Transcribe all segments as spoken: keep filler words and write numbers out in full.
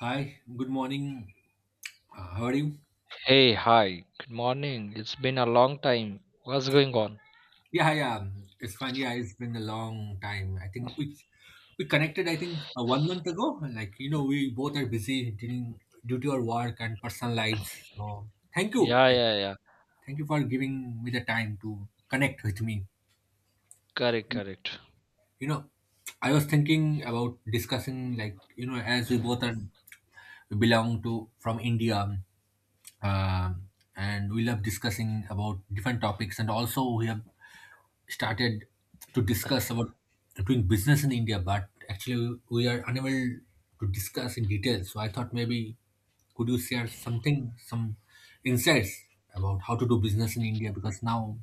Hi, good morning. Uh, how are you? Hey, hi. Good morning. It's been a long time. What's going on? Yeah, yeah, it's fine. Yeah, it's been a long time. I think we we connected. I think uh, one month ago. Like you know, we both are busy during due to our work and personal lives. So thank you, Yeah, like yeah, yeah. thank you for giving me the time to connect with me. Correct, correct. You know, I was thinking about discussing like you know, as we both are we belong to from India, um and we love discussing about different topics, and also we have started to discuss about doing business in India, but actually we are unable to discuss in detail. So I thought maybe could you share something, some insights about how to do business in India? Because now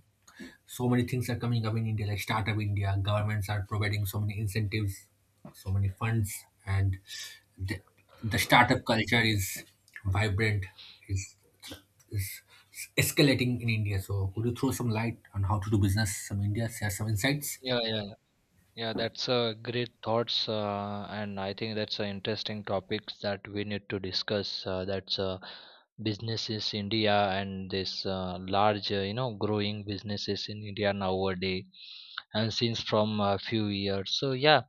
so many things are coming up in India, like startup India, governments are providing so many incentives, so many funds, and the, the startup culture is vibrant. Is is escalating in India. So could you throw some light on how to do business from India, share some insights? Yeah, yeah, yeah. Yeah, that's a great thoughts, uh, and I think that's an interesting topics that we need to discuss. Uh, that's uh, businesses India and this uh, large, uh, you know, growing businesses in India nowadays, and since from a few years. So yeah,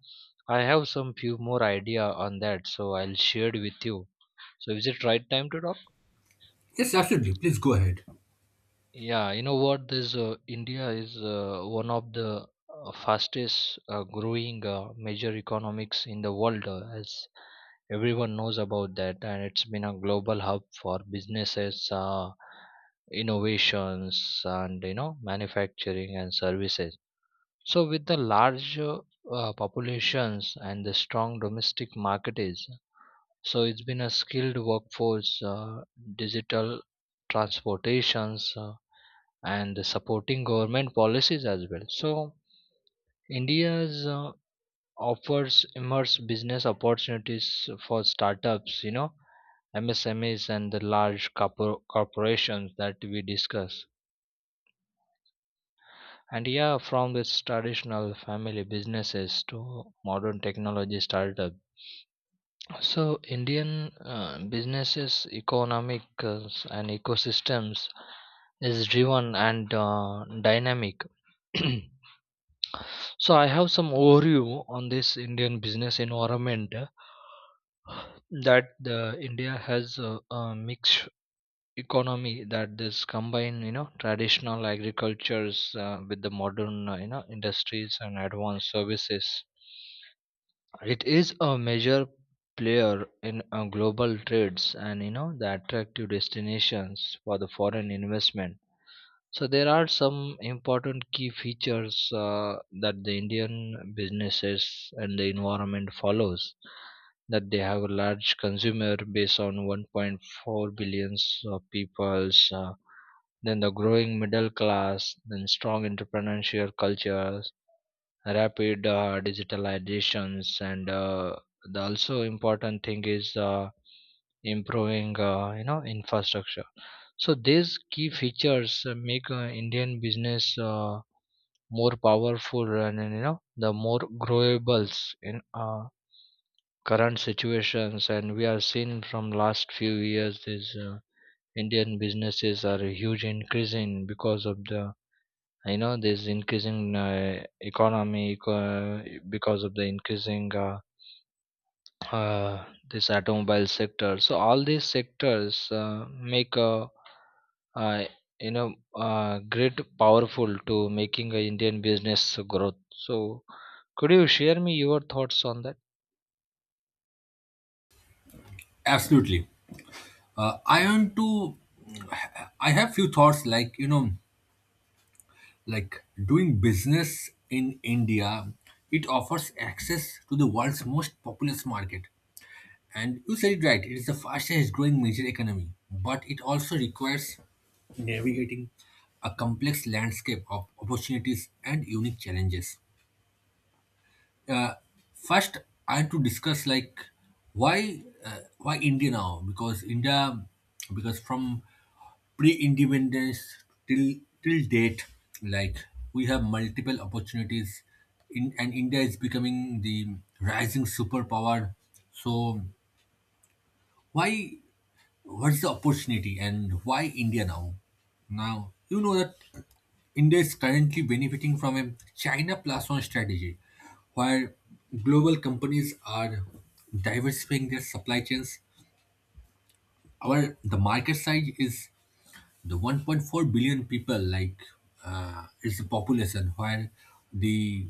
I have some few more idea on that. So I'll share it with you. So is it right time to talk? Yes, absolutely. Please go ahead. Yeah, you know what? This uh, India is uh, one of the uh, fastest uh, growing uh, major economics in the world, uh, as everyone knows about that, and it's been a global hub for businesses, uh, innovations, and you know manufacturing and services. So, with the large uh, uh, populations and the strong domestic markets, so it's been a skilled workforce, uh, digital transportations. Uh, and supporting government policies as well. So, India's uh, offers immense business opportunities for startups, you know, M S M Es and the large corpor- corporations that we discuss. And yeah, from this traditional family businesses to modern technology startup. So, Indian uh, businesses, economic uh, and ecosystems is driven and uh, dynamic. So I have some overview on this Indian business environment uh, that the India has a, a mixed economy that this combine you know traditional agricultures uh, with the modern uh, you know industries and advanced services. It is a major player in uh, global trades and you know the attractive destinations for the foreign investment. So there are some important key features uh, that the Indian businesses and the environment follows, that they have a large consumer base on one point four billions of peoples uh, then the growing middle class, then strong entrepreneurial cultures, rapid uh, digitalizations, and uh, the also important thing is uh, improving uh, you know infrastructure. So these key features uh, make uh, Indian business uh, more powerful and, and, you know the more growables in uh, current situations. And we are seeing from last few years, these uh, Indian businesses are huge increasing because of the you know this increasing uh, economy eco- because of the increasing uh, uh, this automobile sector. So all these sectors uh, make a, uh, you know uh, great powerful to making a Indian business growth. So could you share me your thoughts on that? Absolutely. Uh, I want to. I have few thoughts like you know, like doing business in India. It offers access to the world's most populous market, and you said it right. It is the fastest growing major economy, but it also requires navigating a complex landscape of opportunities and unique challenges. uh, First I want to discuss like why uh, why India now, because India because from pre-independence till till date, like we have multiple opportunities in and India is becoming the rising superpower. So why what's the opportunity and why India now? Now, you know that India is currently benefiting from a China plus one strategy where global companies are diversifying their supply chains. Our the market size is the one point four billion people, like uh, is the population where the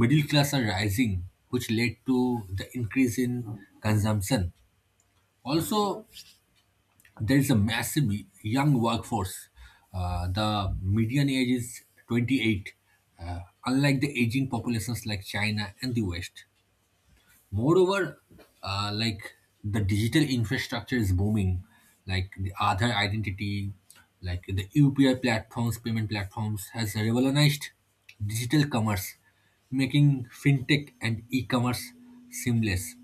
middle class are rising, which led to the increase in consumption. Also, there is a massive young workforce. Uh, the median age is twenty-eight, uh, unlike the aging populations like China and the West. Moreover, uh, like the digital infrastructure is booming, like the Aadhaar identity, like the U P I platforms, payment platforms has revolutionized digital commerce, making fintech and e-commerce seamless.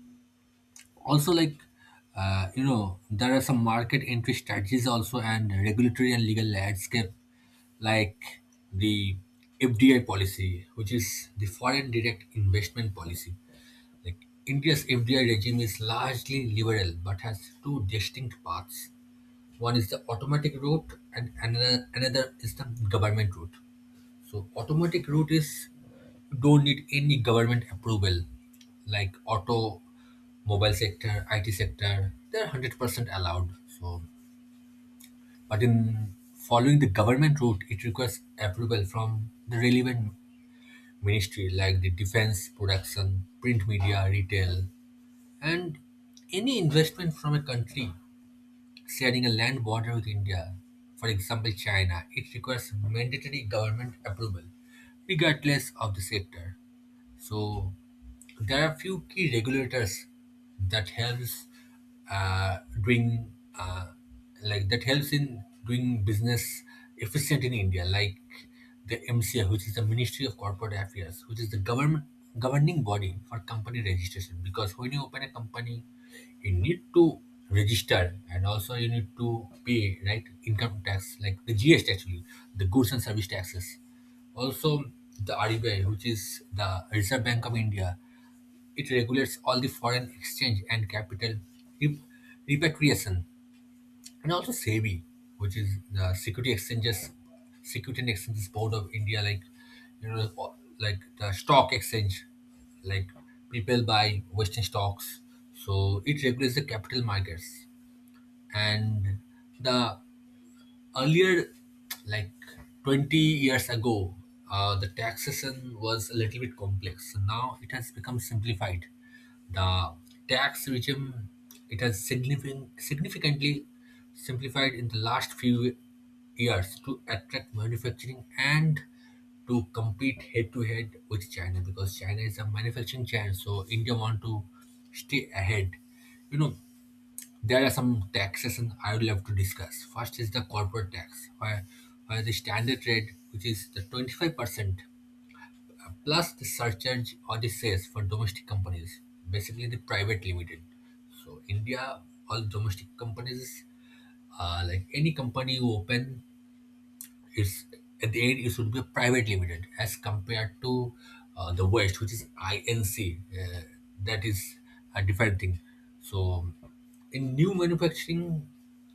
Also, like uh, you know there are some market entry strategies, also, and regulatory and legal landscape, like the F D I policy, which is the foreign direct investment policy. Like India's F D I regime is largely liberal but has two distinct paths. One is the automatic route, and another another is the government route. So automatic route is, don't need any government approval, like auto, mobile sector, I T sector. They're hundred percent allowed. So, but in following the government route, it requires approval from the relevant ministry, like the defense, production, print media, retail, and any investment from a country sharing a land border with India, for example China, it requires mandatory government approval, regardless of the sector. So there are few key regulators that helps uh, doing uh, like that helps in doing business efficient in India, like the M C A, which is the Ministry of Corporate Affairs, which is the government governing body for company registration. Because when you open a company, you need to register, and also you need to pay right income tax like the G S T, actually, the goods and service taxes. Also, the R B I, which is the Reserve Bank of India, it regulates all the foreign exchange and capital rep- repatriation. And also SEBI, which is the Security Exchanges, Security and Exchanges Board of India, like you know, o- like the stock exchange, like people buy Western stocks. So it regulates the capital markets. And the earlier, like twenty years ago, uh, the taxation was a little bit complex. So now it has become simplified. The tax regime, it has significant, significantly simplified in the last few years, to attract manufacturing and to compete head to head with China, because China is a manufacturing giant, so India want to stay ahead. you know there are some taxation I would love to discuss. First is the corporate tax, where, where the standard rate, which is the twenty-five percent uh, plus the surcharge or the cess for domestic companies, basically the private limited. So India, all domestic companies, uh, like any company you open, it's at the end it should be private limited as compared to uh, the West, which is Inc. Uh, that is a different thing. So in new manufacturing,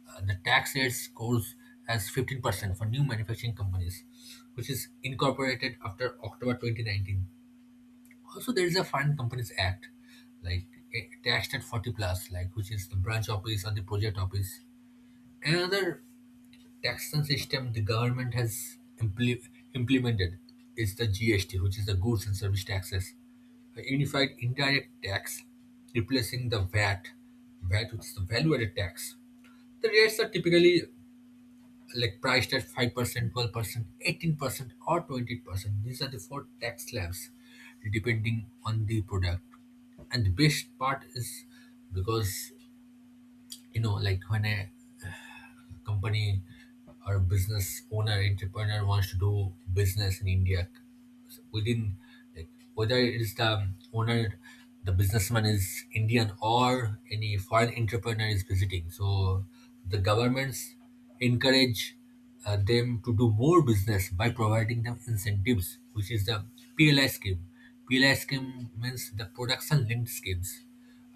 uh, the tax rates goes as fifteen percent for new manufacturing companies, which is incorporated after October twenty nineteen. Also, there is a Foreign Companies Act, like, eh, taxed at forty plus, like, which is the branch office or the project office. Another taxation system the government has imple- implemented is the G S T, which is the goods and service taxes, a unified indirect tax replacing the VAT, vat, which is the value-added tax. The rates are typically like priced at five percent, twelve percent, eighteen percent or twenty percent. These are the four tax slabs depending on the product. And the best part is, because you know like when I company or business owner, entrepreneur wants to do business in India within, like, whether it is the owner, the businessman is Indian, or any foreign entrepreneur is visiting. So the governments encourage uh, them to do more business by providing them incentives, which is the P L I scheme. P L I scheme means the production linked schemes.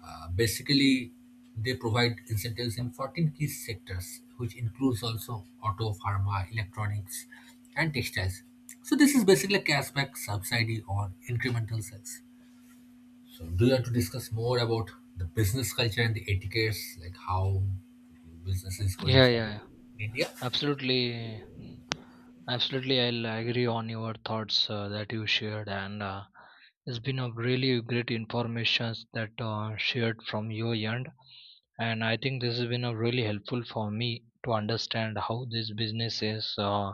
Uh, basically, they provide incentives in fourteen key sectors, which includes also auto, pharma, electronics, and textiles. So this is basically a cashback subsidy on incremental sales. So do you want to discuss more about the business culture and the etiquettes, like how business is going Yeah, forward yeah. in India? Absolutely, absolutely. I'll agree on your thoughts uh, that you shared, and uh, it's been a really great information that uh, shared from your end. And I think this has been a really helpful for me to understand how this business is uh,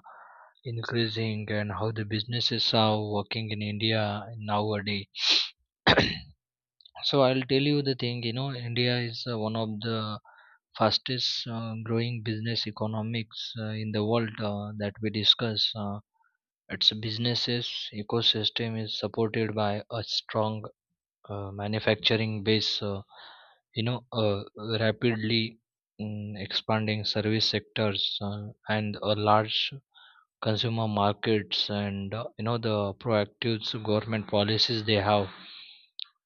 increasing and how the businesses are working in India nowadays. So I'll tell you the thing, you know, India is uh, one of the fastest uh, growing business economics uh, in the world uh, that we discuss. Uh, its businesses ecosystem is supported by a strong uh, manufacturing base, uh, you know, uh, rapidly mm, expanding service sectors uh, and a large consumer markets and uh, you know the proactive government policies they have.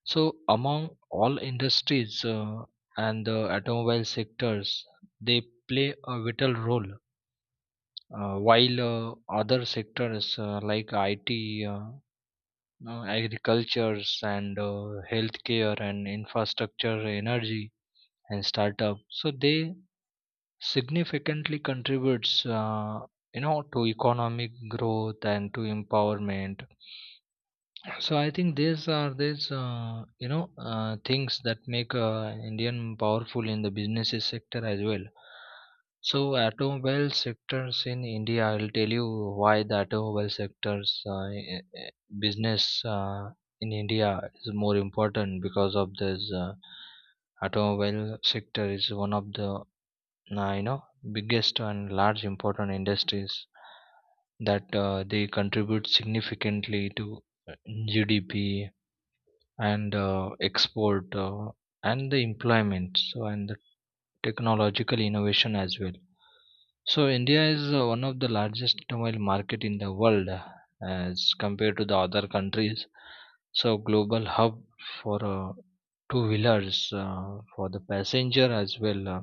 So, among all industries uh, and the automobile sectors, they play a vital role, uh, while uh, other sectors uh, like I T, uh, uh, agricultures, and uh, healthcare, and infrastructure, energy, and startup, so they significantly contributes, uh, you know, to economic growth and to empowerment. So I think these are these uh, you know uh, things that make uh, Indian powerful in the businesses sector as well. So automobile sectors in India, I'll tell you why the automobile sectors uh, i- i- business uh, in India is more important because of this uh, automobile sector is one of the uh, you know biggest and large important industries that uh, they contribute significantly to uh, G D P and uh, export uh, and the employment, so and technological innovation as well. So India is uh, one of the largest automobile market in the world uh, as compared to the other countries. So global hub for uh, two wheelers, uh, for the passenger as well, uh,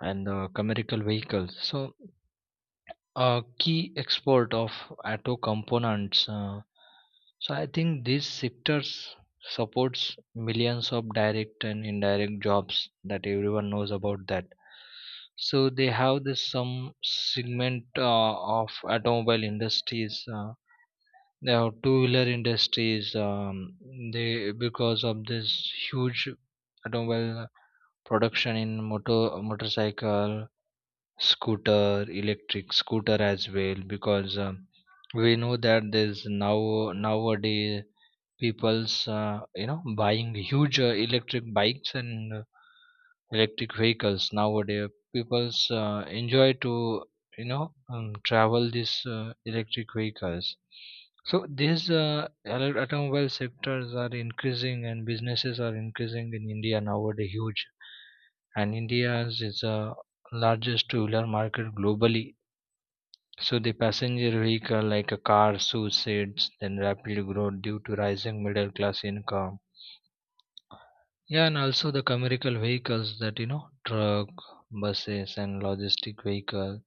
and uh, commercial vehicles. So a key export of auto components. Uh, so I think these sectors supports millions of direct and indirect jobs that everyone knows about that. So they have this some segment uh, of automobile industries. Uh, they have two-wheeler industries. Um, they because of this huge automobile production in motor motorcycle, scooter, electric scooter as well, because um, we know that there's now nowadays people's uh, you know buying huge uh, electric bikes and uh, electric vehicles nowadays. People's uh, enjoy to you know um, travel these uh, electric vehicles. So these uh, ele- automobile sectors are increasing and businesses are increasing in India nowadays huge. And India's is the largest two-wheeler market globally. So the passenger vehicle like a car suicides then rapidly grow due to rising middle class income, yeah, and also the commercial vehicles that you know, truck, buses, and logistic vehicle.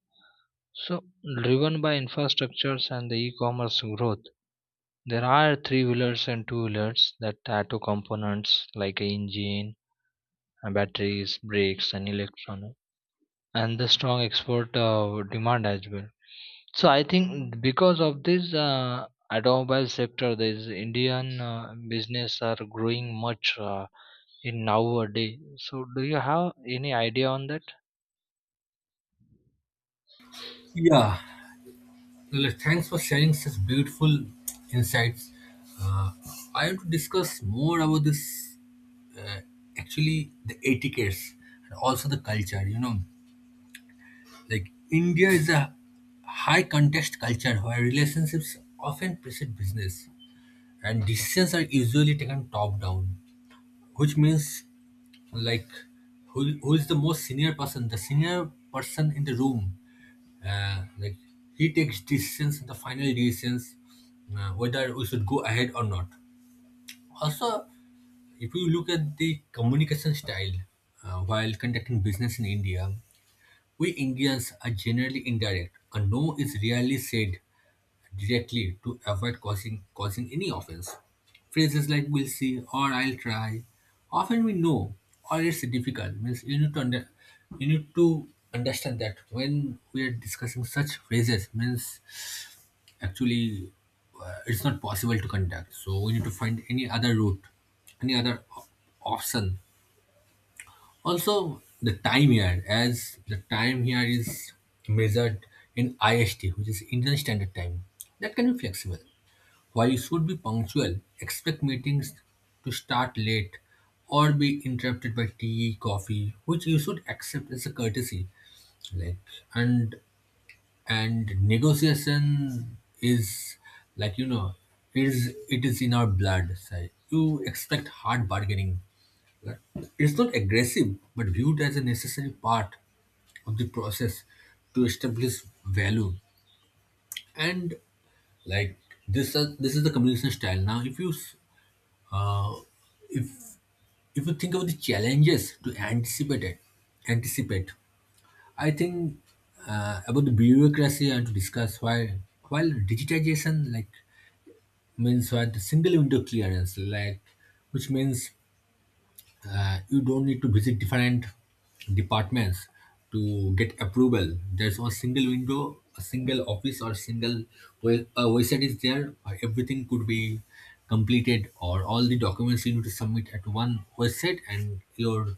So, driven by infrastructures and the e-commerce growth, there are three-wheelers and two-wheelers that add to components like a engine, uh, batteries, brakes, and electronics, and the strong export uh, demand as well. So, I think because of this uh, automobile sector, this Indian uh, business are growing much. Uh, in nowadays. So, do you have any idea on that? Yeah, well, thanks for sharing such beautiful insights. Uh, I want to discuss more about this, uh, actually, the etiquettes and also the culture. You know, like India is a high context culture, where relationships often precede business and decisions are usually taken top down, which means, like, who, who is the most senior person, the senior person in the room. Uh, like, he takes decisions, the final decisions, uh, whether we should go ahead or not. Also, if you look at the communication style, uh, while conducting business in India, we Indians are generally indirect. A no is rarely said directly, to avoid causing causing any offense. Phrases like "we'll see" or "I'll try", often we know, or "it's difficult", means, you need to under, you need to understand that when we are discussing such phrases, means, actually, uh, it's not possible to contact, so we need to find any other route, any other op- option. Also, the time here, as the time here is measured in I S T, which is Indian Standard Time, that can be flexible. While you should be punctual, expect meetings to start late or be interrupted by tea coffee, which you should accept as a courtesy, like. And and negotiation is, like you know it is it is in our blood. So you expect hard bargaining. It's not aggressive, but viewed as a necessary part of the process, to establish value. And, like, this are, this is the communication style. Now, if you s- uh, if if you think of the challenges to anticipate, it anticipate I think uh, about the bureaucracy. And to discuss why, while digitization, like, means what, single window clearance, like, which means, uh, you don't need to visit different departments to get approval. There's one single window, a single office, or single, well, a website is there. uh, Everything could be completed, or all the documents you need to submit at one website, and your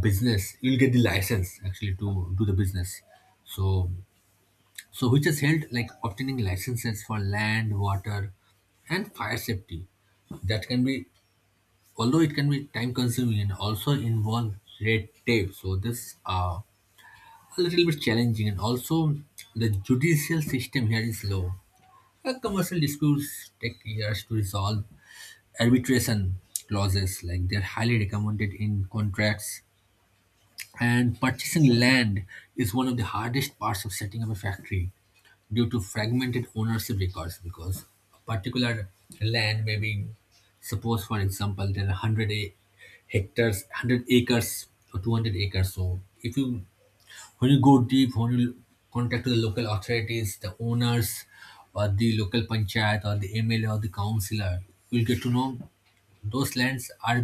business, you'll get the license actually to do the business. So, so which has helped, like, obtaining licenses for land, water, and fire safety, that can be although it can be time consuming and also involve red tape. So this, uh, a little bit challenging. And also the judicial system here is low. Uh, commercial disputes take years to resolve. Arbitration clauses, like, they're highly recommended in contracts. And purchasing land is one of the hardest parts of setting up a factory due to fragmented ownership records, because a particular land may be, suppose for example, there are one hundred a- hectares, one hundred acres or two hundred acres. So if you when you go deep, when you contact the local authorities, the owners or the local panchayat or the M L A or the councillor, you'll get to know those lands are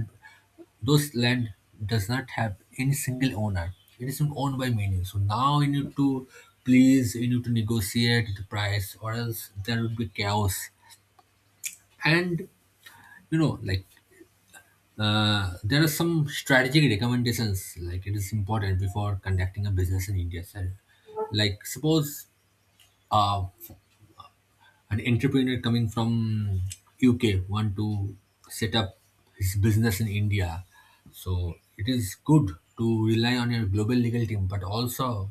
those land does not have any single owner. It is owned by many. So now you need to please, you need to negotiate the price, or else there would be chaos. And you know, like uh, there are some strategic recommendations. Like, it is important before conducting a business in India. So, like suppose uh, an entrepreneur coming from U K want to set up his business in India. So it is good to rely on your global legal team, but also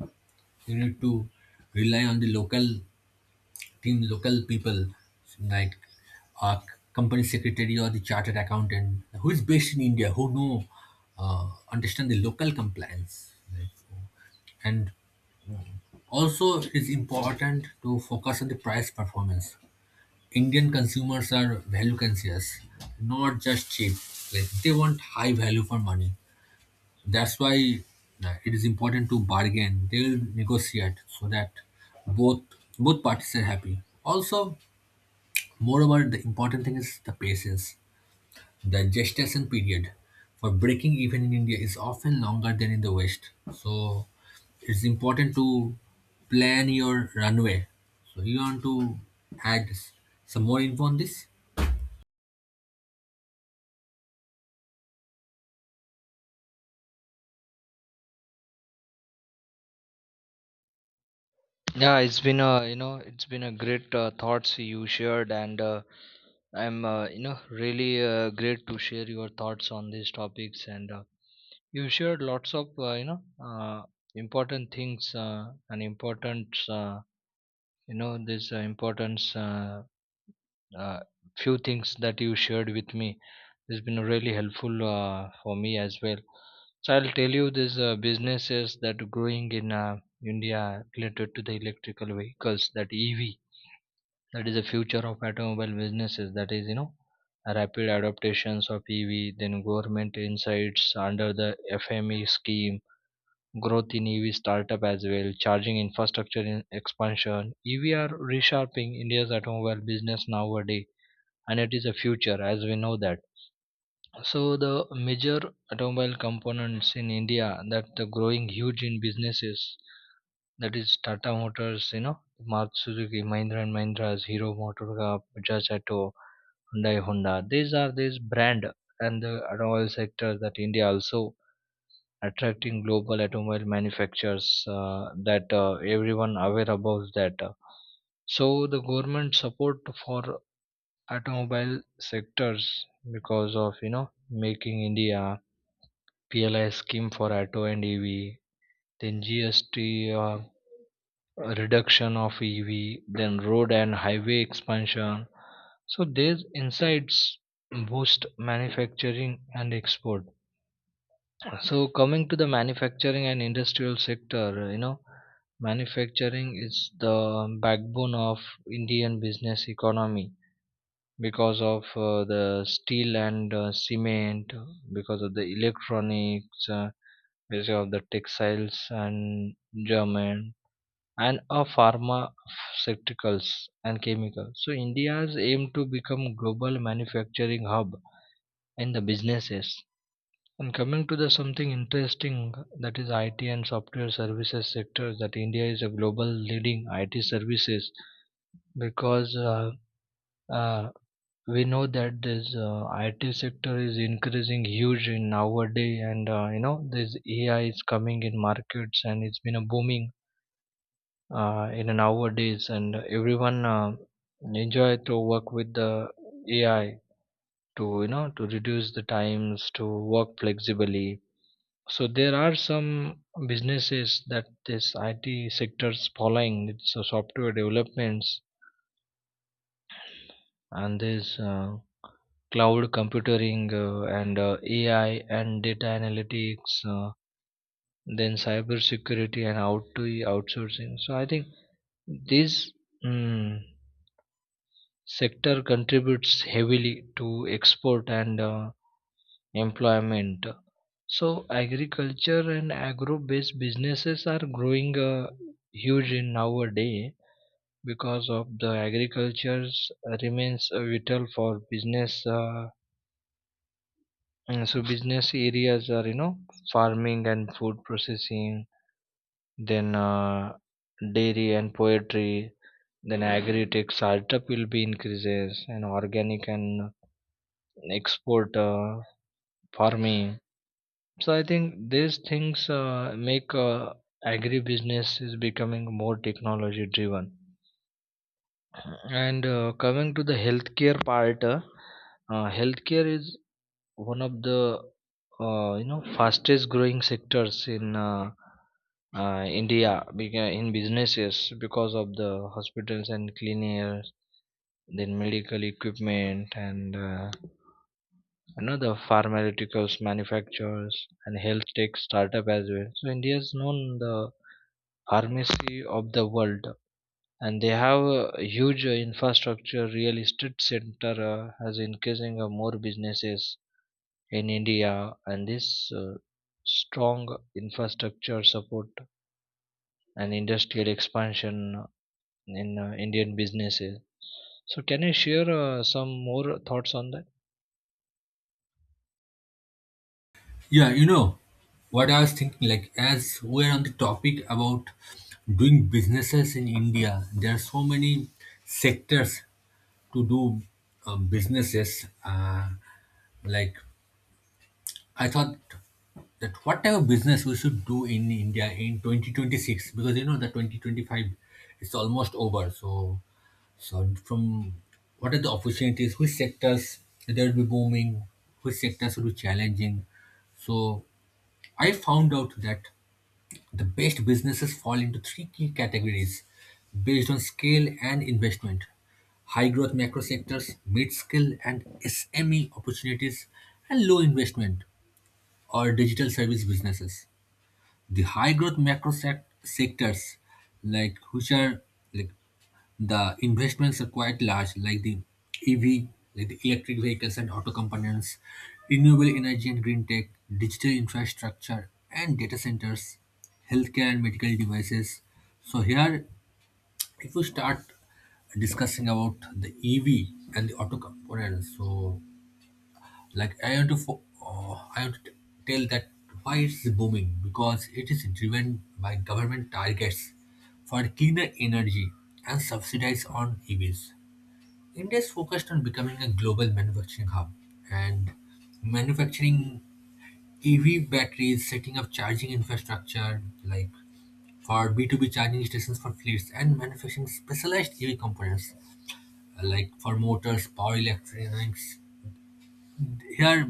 you need to rely on the local team, local people, like a company secretary or the chartered accountant who is based in India, who know, uh, understand the local compliance. Like, and also, it is important to focus on the price performance. Indian consumers are value conscious, not just cheap. Like they want high value for money. That's why uh, it is important to bargain. They'll negotiate so that both both parties are happy. Also, moreover, the important thing is the patience. The gestation period for breaking even in India is often longer than in the West. So it's important to plan your runway. So you want to add s- some more info on this? Yeah, it's been a you know it's been a great uh, thoughts you shared, and uh, I'm uh, you know really uh, great to share your thoughts on these topics, and uh, you shared lots of uh, you know uh, important things uh, and important uh, you know this uh, importance uh, uh, few things that you shared with me. It's been really helpful uh, for me as well. So I'll tell you these uh, businesses that are growing in uh, India related to the electrical vehicles, that E V, that is the future of automobile businesses. That is, you know, rapid adaptations of E V, then government insights under the F M E scheme, growth in E V startup as well, charging infrastructure in expansion. E V are reshaping India's automobile business nowadays, and it is a future as we know that. So the major automobile components in India that the growing huge in businesses, that is Tata Motors, you know, Maruti Suzuki, Mahindra and Mahindra's, Hero Motorca, Bajaj Auto, Hyundai Honda. These are these brand, and the automobile sector that India also attracting global automobile manufacturers uh, that uh, everyone aware about that. So the government support for automobile sectors because of you know making India, P L I scheme for auto and EV, then G S T uh, reduction of E V, then road and highway expansion. So these insights boost manufacturing and export. So coming to the manufacturing and industrial sector, you know, manufacturing is the backbone of Indian business economy, because of uh, the steel and uh, cement, because of the electronics. uh, Ministry of the Textiles and German and a pharmaceuticals and chemicals. So India's aim to become global manufacturing hub in the businesses. And coming to the something interesting, that is I T and software services sector, that India is a global leading I T services because uh, uh, we know that this uh, I T sector is increasing huge in nowadays, and uh, you know this A I is coming in markets and it's been a booming uh, in nowadays, and everyone uh, enjoy to work with the A I to you know to reduce the times to work flexibly. So there are some businesses that this I T sectors following, it's so software developments and this uh, cloud computing uh, and uh, A I and data analytics. Uh, then cyber security and out to outsourcing. So I think these mm, sector contributes heavily to export and uh, employment. So agriculture and agro-based businesses are growing uh, huge in nowadays, because of the agriculture remains uh, vital for business. Uh, and so business areas are you know farming and food processing, then uh, dairy and poetry, then agri-tech startup will be increases and organic and export uh, for me. So I think these things uh, make uh, agribusiness is becoming more technology driven. And uh, coming to the healthcare part, uh, uh, healthcare is one of the uh, you know fastest growing sectors in uh, uh, India beca- in businesses, because of the hospitals and cleaners, then medical equipment and uh, another pharmaceuticals manufacturers and health tech startup as well. So India is known the pharmacy of the world, and they have a huge uh, infrastructure. Real estate center uh, has increasing uh, more businesses in India, and this uh, strong infrastructure support and industrial expansion in uh, Indian businesses. So can you share uh, some more thoughts on that? Yeah, you know what I was thinking, like as we're on the topic about doing businesses in India, there are so many sectors to do um, businesses. Uh, like I thought that whatever business we should do in India in twenty twenty-six, because you know the twenty twenty-five is almost over. So, so from what are the opportunities? Which sectors there will be booming? Which sectors will be challenging? So I found out that the best businesses fall into three key categories based on scale and investment: high growth macro sectors, mid skill and S M E opportunities, and low investment or digital service businesses. The high growth macro sec- sectors, like which are, like, the investments are quite large, like the E V, like the electric vehicles and auto components, renewable energy and green tech, digital infrastructure and data centers, healthcare and medical devices. So here, if we start discussing about the E V and the auto components, so like I want to, fo- uh, I want to t- tell that why it's booming, because it is driven by government targets for cleaner energy and subsidies on E Vs. India is focused on becoming a global manufacturing hub and manufacturing E V batteries, setting up charging infrastructure like for B two B charging stations for fleets, and manufacturing specialized E V components, uh, like for motors, power electronics. Here,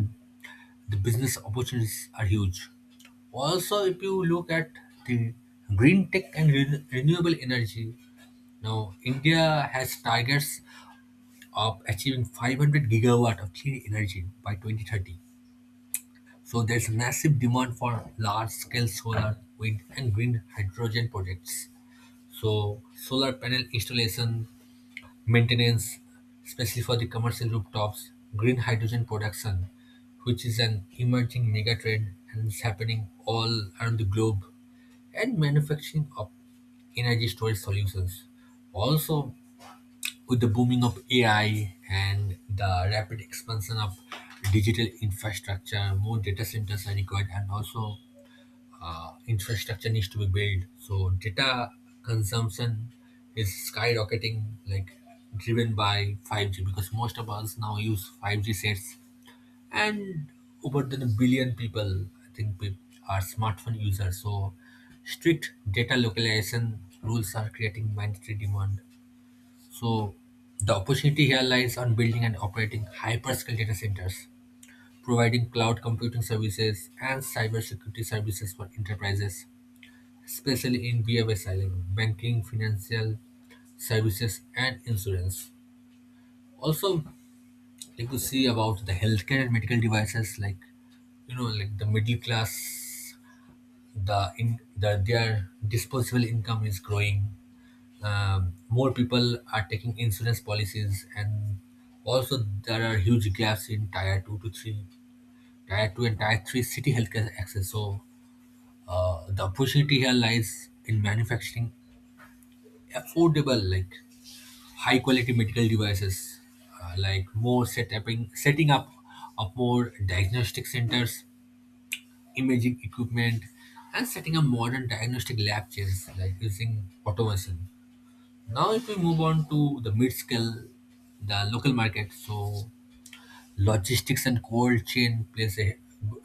the business opportunities are huge. Also, if you look at the green tech and re- renewable energy, now India has targets of achieving five hundred gigawatt of clean energy by twenty thirty. So there's massive demand for large-scale solar, wind, and green hydrogen projects. So solar panel installation, maintenance, especially for the commercial rooftops, green hydrogen production, which is an emerging mega trend and is happening all around the globe, and manufacturing of energy storage solutions. Also, with the booming of A I and the rapid expansion of digital infrastructure, more data centers are required, and also uh, infrastructure needs to be built. So data consumption is skyrocketing, like driven by five G, because most of us now use five G sets, and over than a billion people, I think, pe- are smartphone users. So strict data localization rules are creating mandatory demand, so the opportunity here lies on building and operating hyperscale data centers, providing cloud computing services and cybersecurity services for enterprises, especially in B F S I, like banking, financial services, and insurance. Also, if you see about the healthcare and medical devices, like, you know, like the middle class, the in the their disposable income is growing. Um, more people are taking insurance policies, and also there are huge gaps in tier two to three tier two and tier three city healthcare access. So uh, the opportunity here lies in manufacturing affordable, like, high quality medical devices, uh, like more setting setting up of more diagnostic centers, imaging equipment, and setting up modern diagnostic lab chains like using automation. Now, if we move on to the mid-scale, the local market, so logistics and cold chain plays a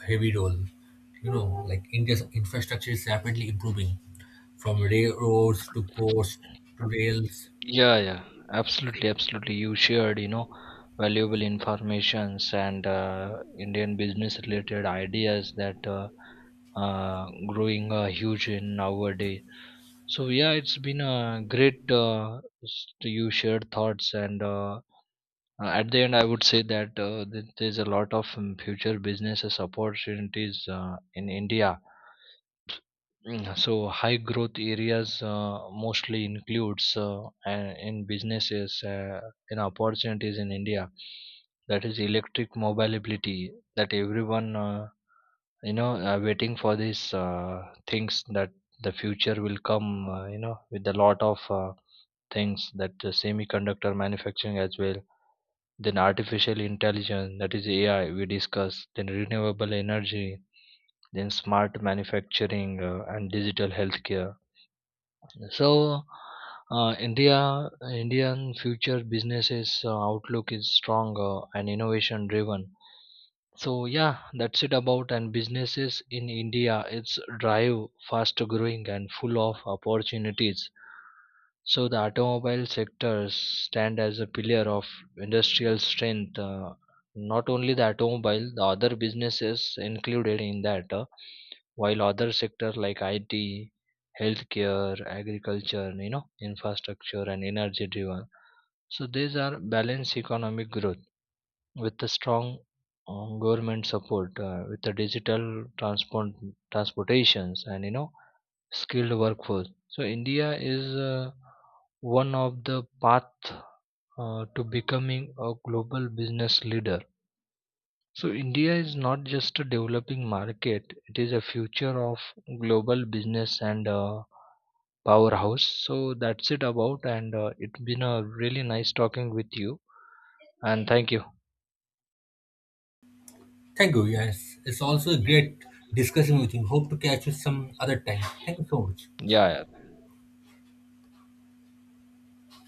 heavy role. You know, like India's infrastructure is rapidly improving from railroads to ports to rails. Yeah, yeah, absolutely, absolutely. You shared, you know, valuable informations and uh, Indian business related ideas that uh, uh, growing uh, huge in nowadays. So yeah, it's been a great uh, s- you shared thoughts, and uh, uh, at the end, I would say that uh, th- there's a lot of um, future businesses opportunities uh, in India. Mm, So high growth areas uh, mostly includes uh, a- in businesses uh, in opportunities in India, that is electric mobility, that everyone uh, you know are waiting for these uh, things, that the future will come uh, you know with a lot of uh, things, that the semiconductor manufacturing as well, then artificial intelligence, that is A I we discussed, then renewable energy, then smart manufacturing uh, and digital healthcare. So, uh, India Indian future businesses uh, outlook is strong uh, and innovation driven. So yeah, that's it about and businesses in India. It's drive, fast growing and full of opportunities. So the automobile sectors stand as a pillar of industrial strength. Uh, not only the automobile, the other businesses included in that, uh, while other sectors like I T, healthcare, agriculture, you know, infrastructure and energy driven. So these are balanced economic growth with the strong uh, government support uh, with the digital transport transportations and you know skilled workforce. So India is uh, one of the path uh, to becoming a global business leader. So India is not just a developing market, it is a future of global business and uh, powerhouse. So that's it about, and uh, it's been a really nice talking with you, and thank you. Thank you. Yes, it's also great discussing with you. Hope to catch you some other time. Thank you so much. Yeah.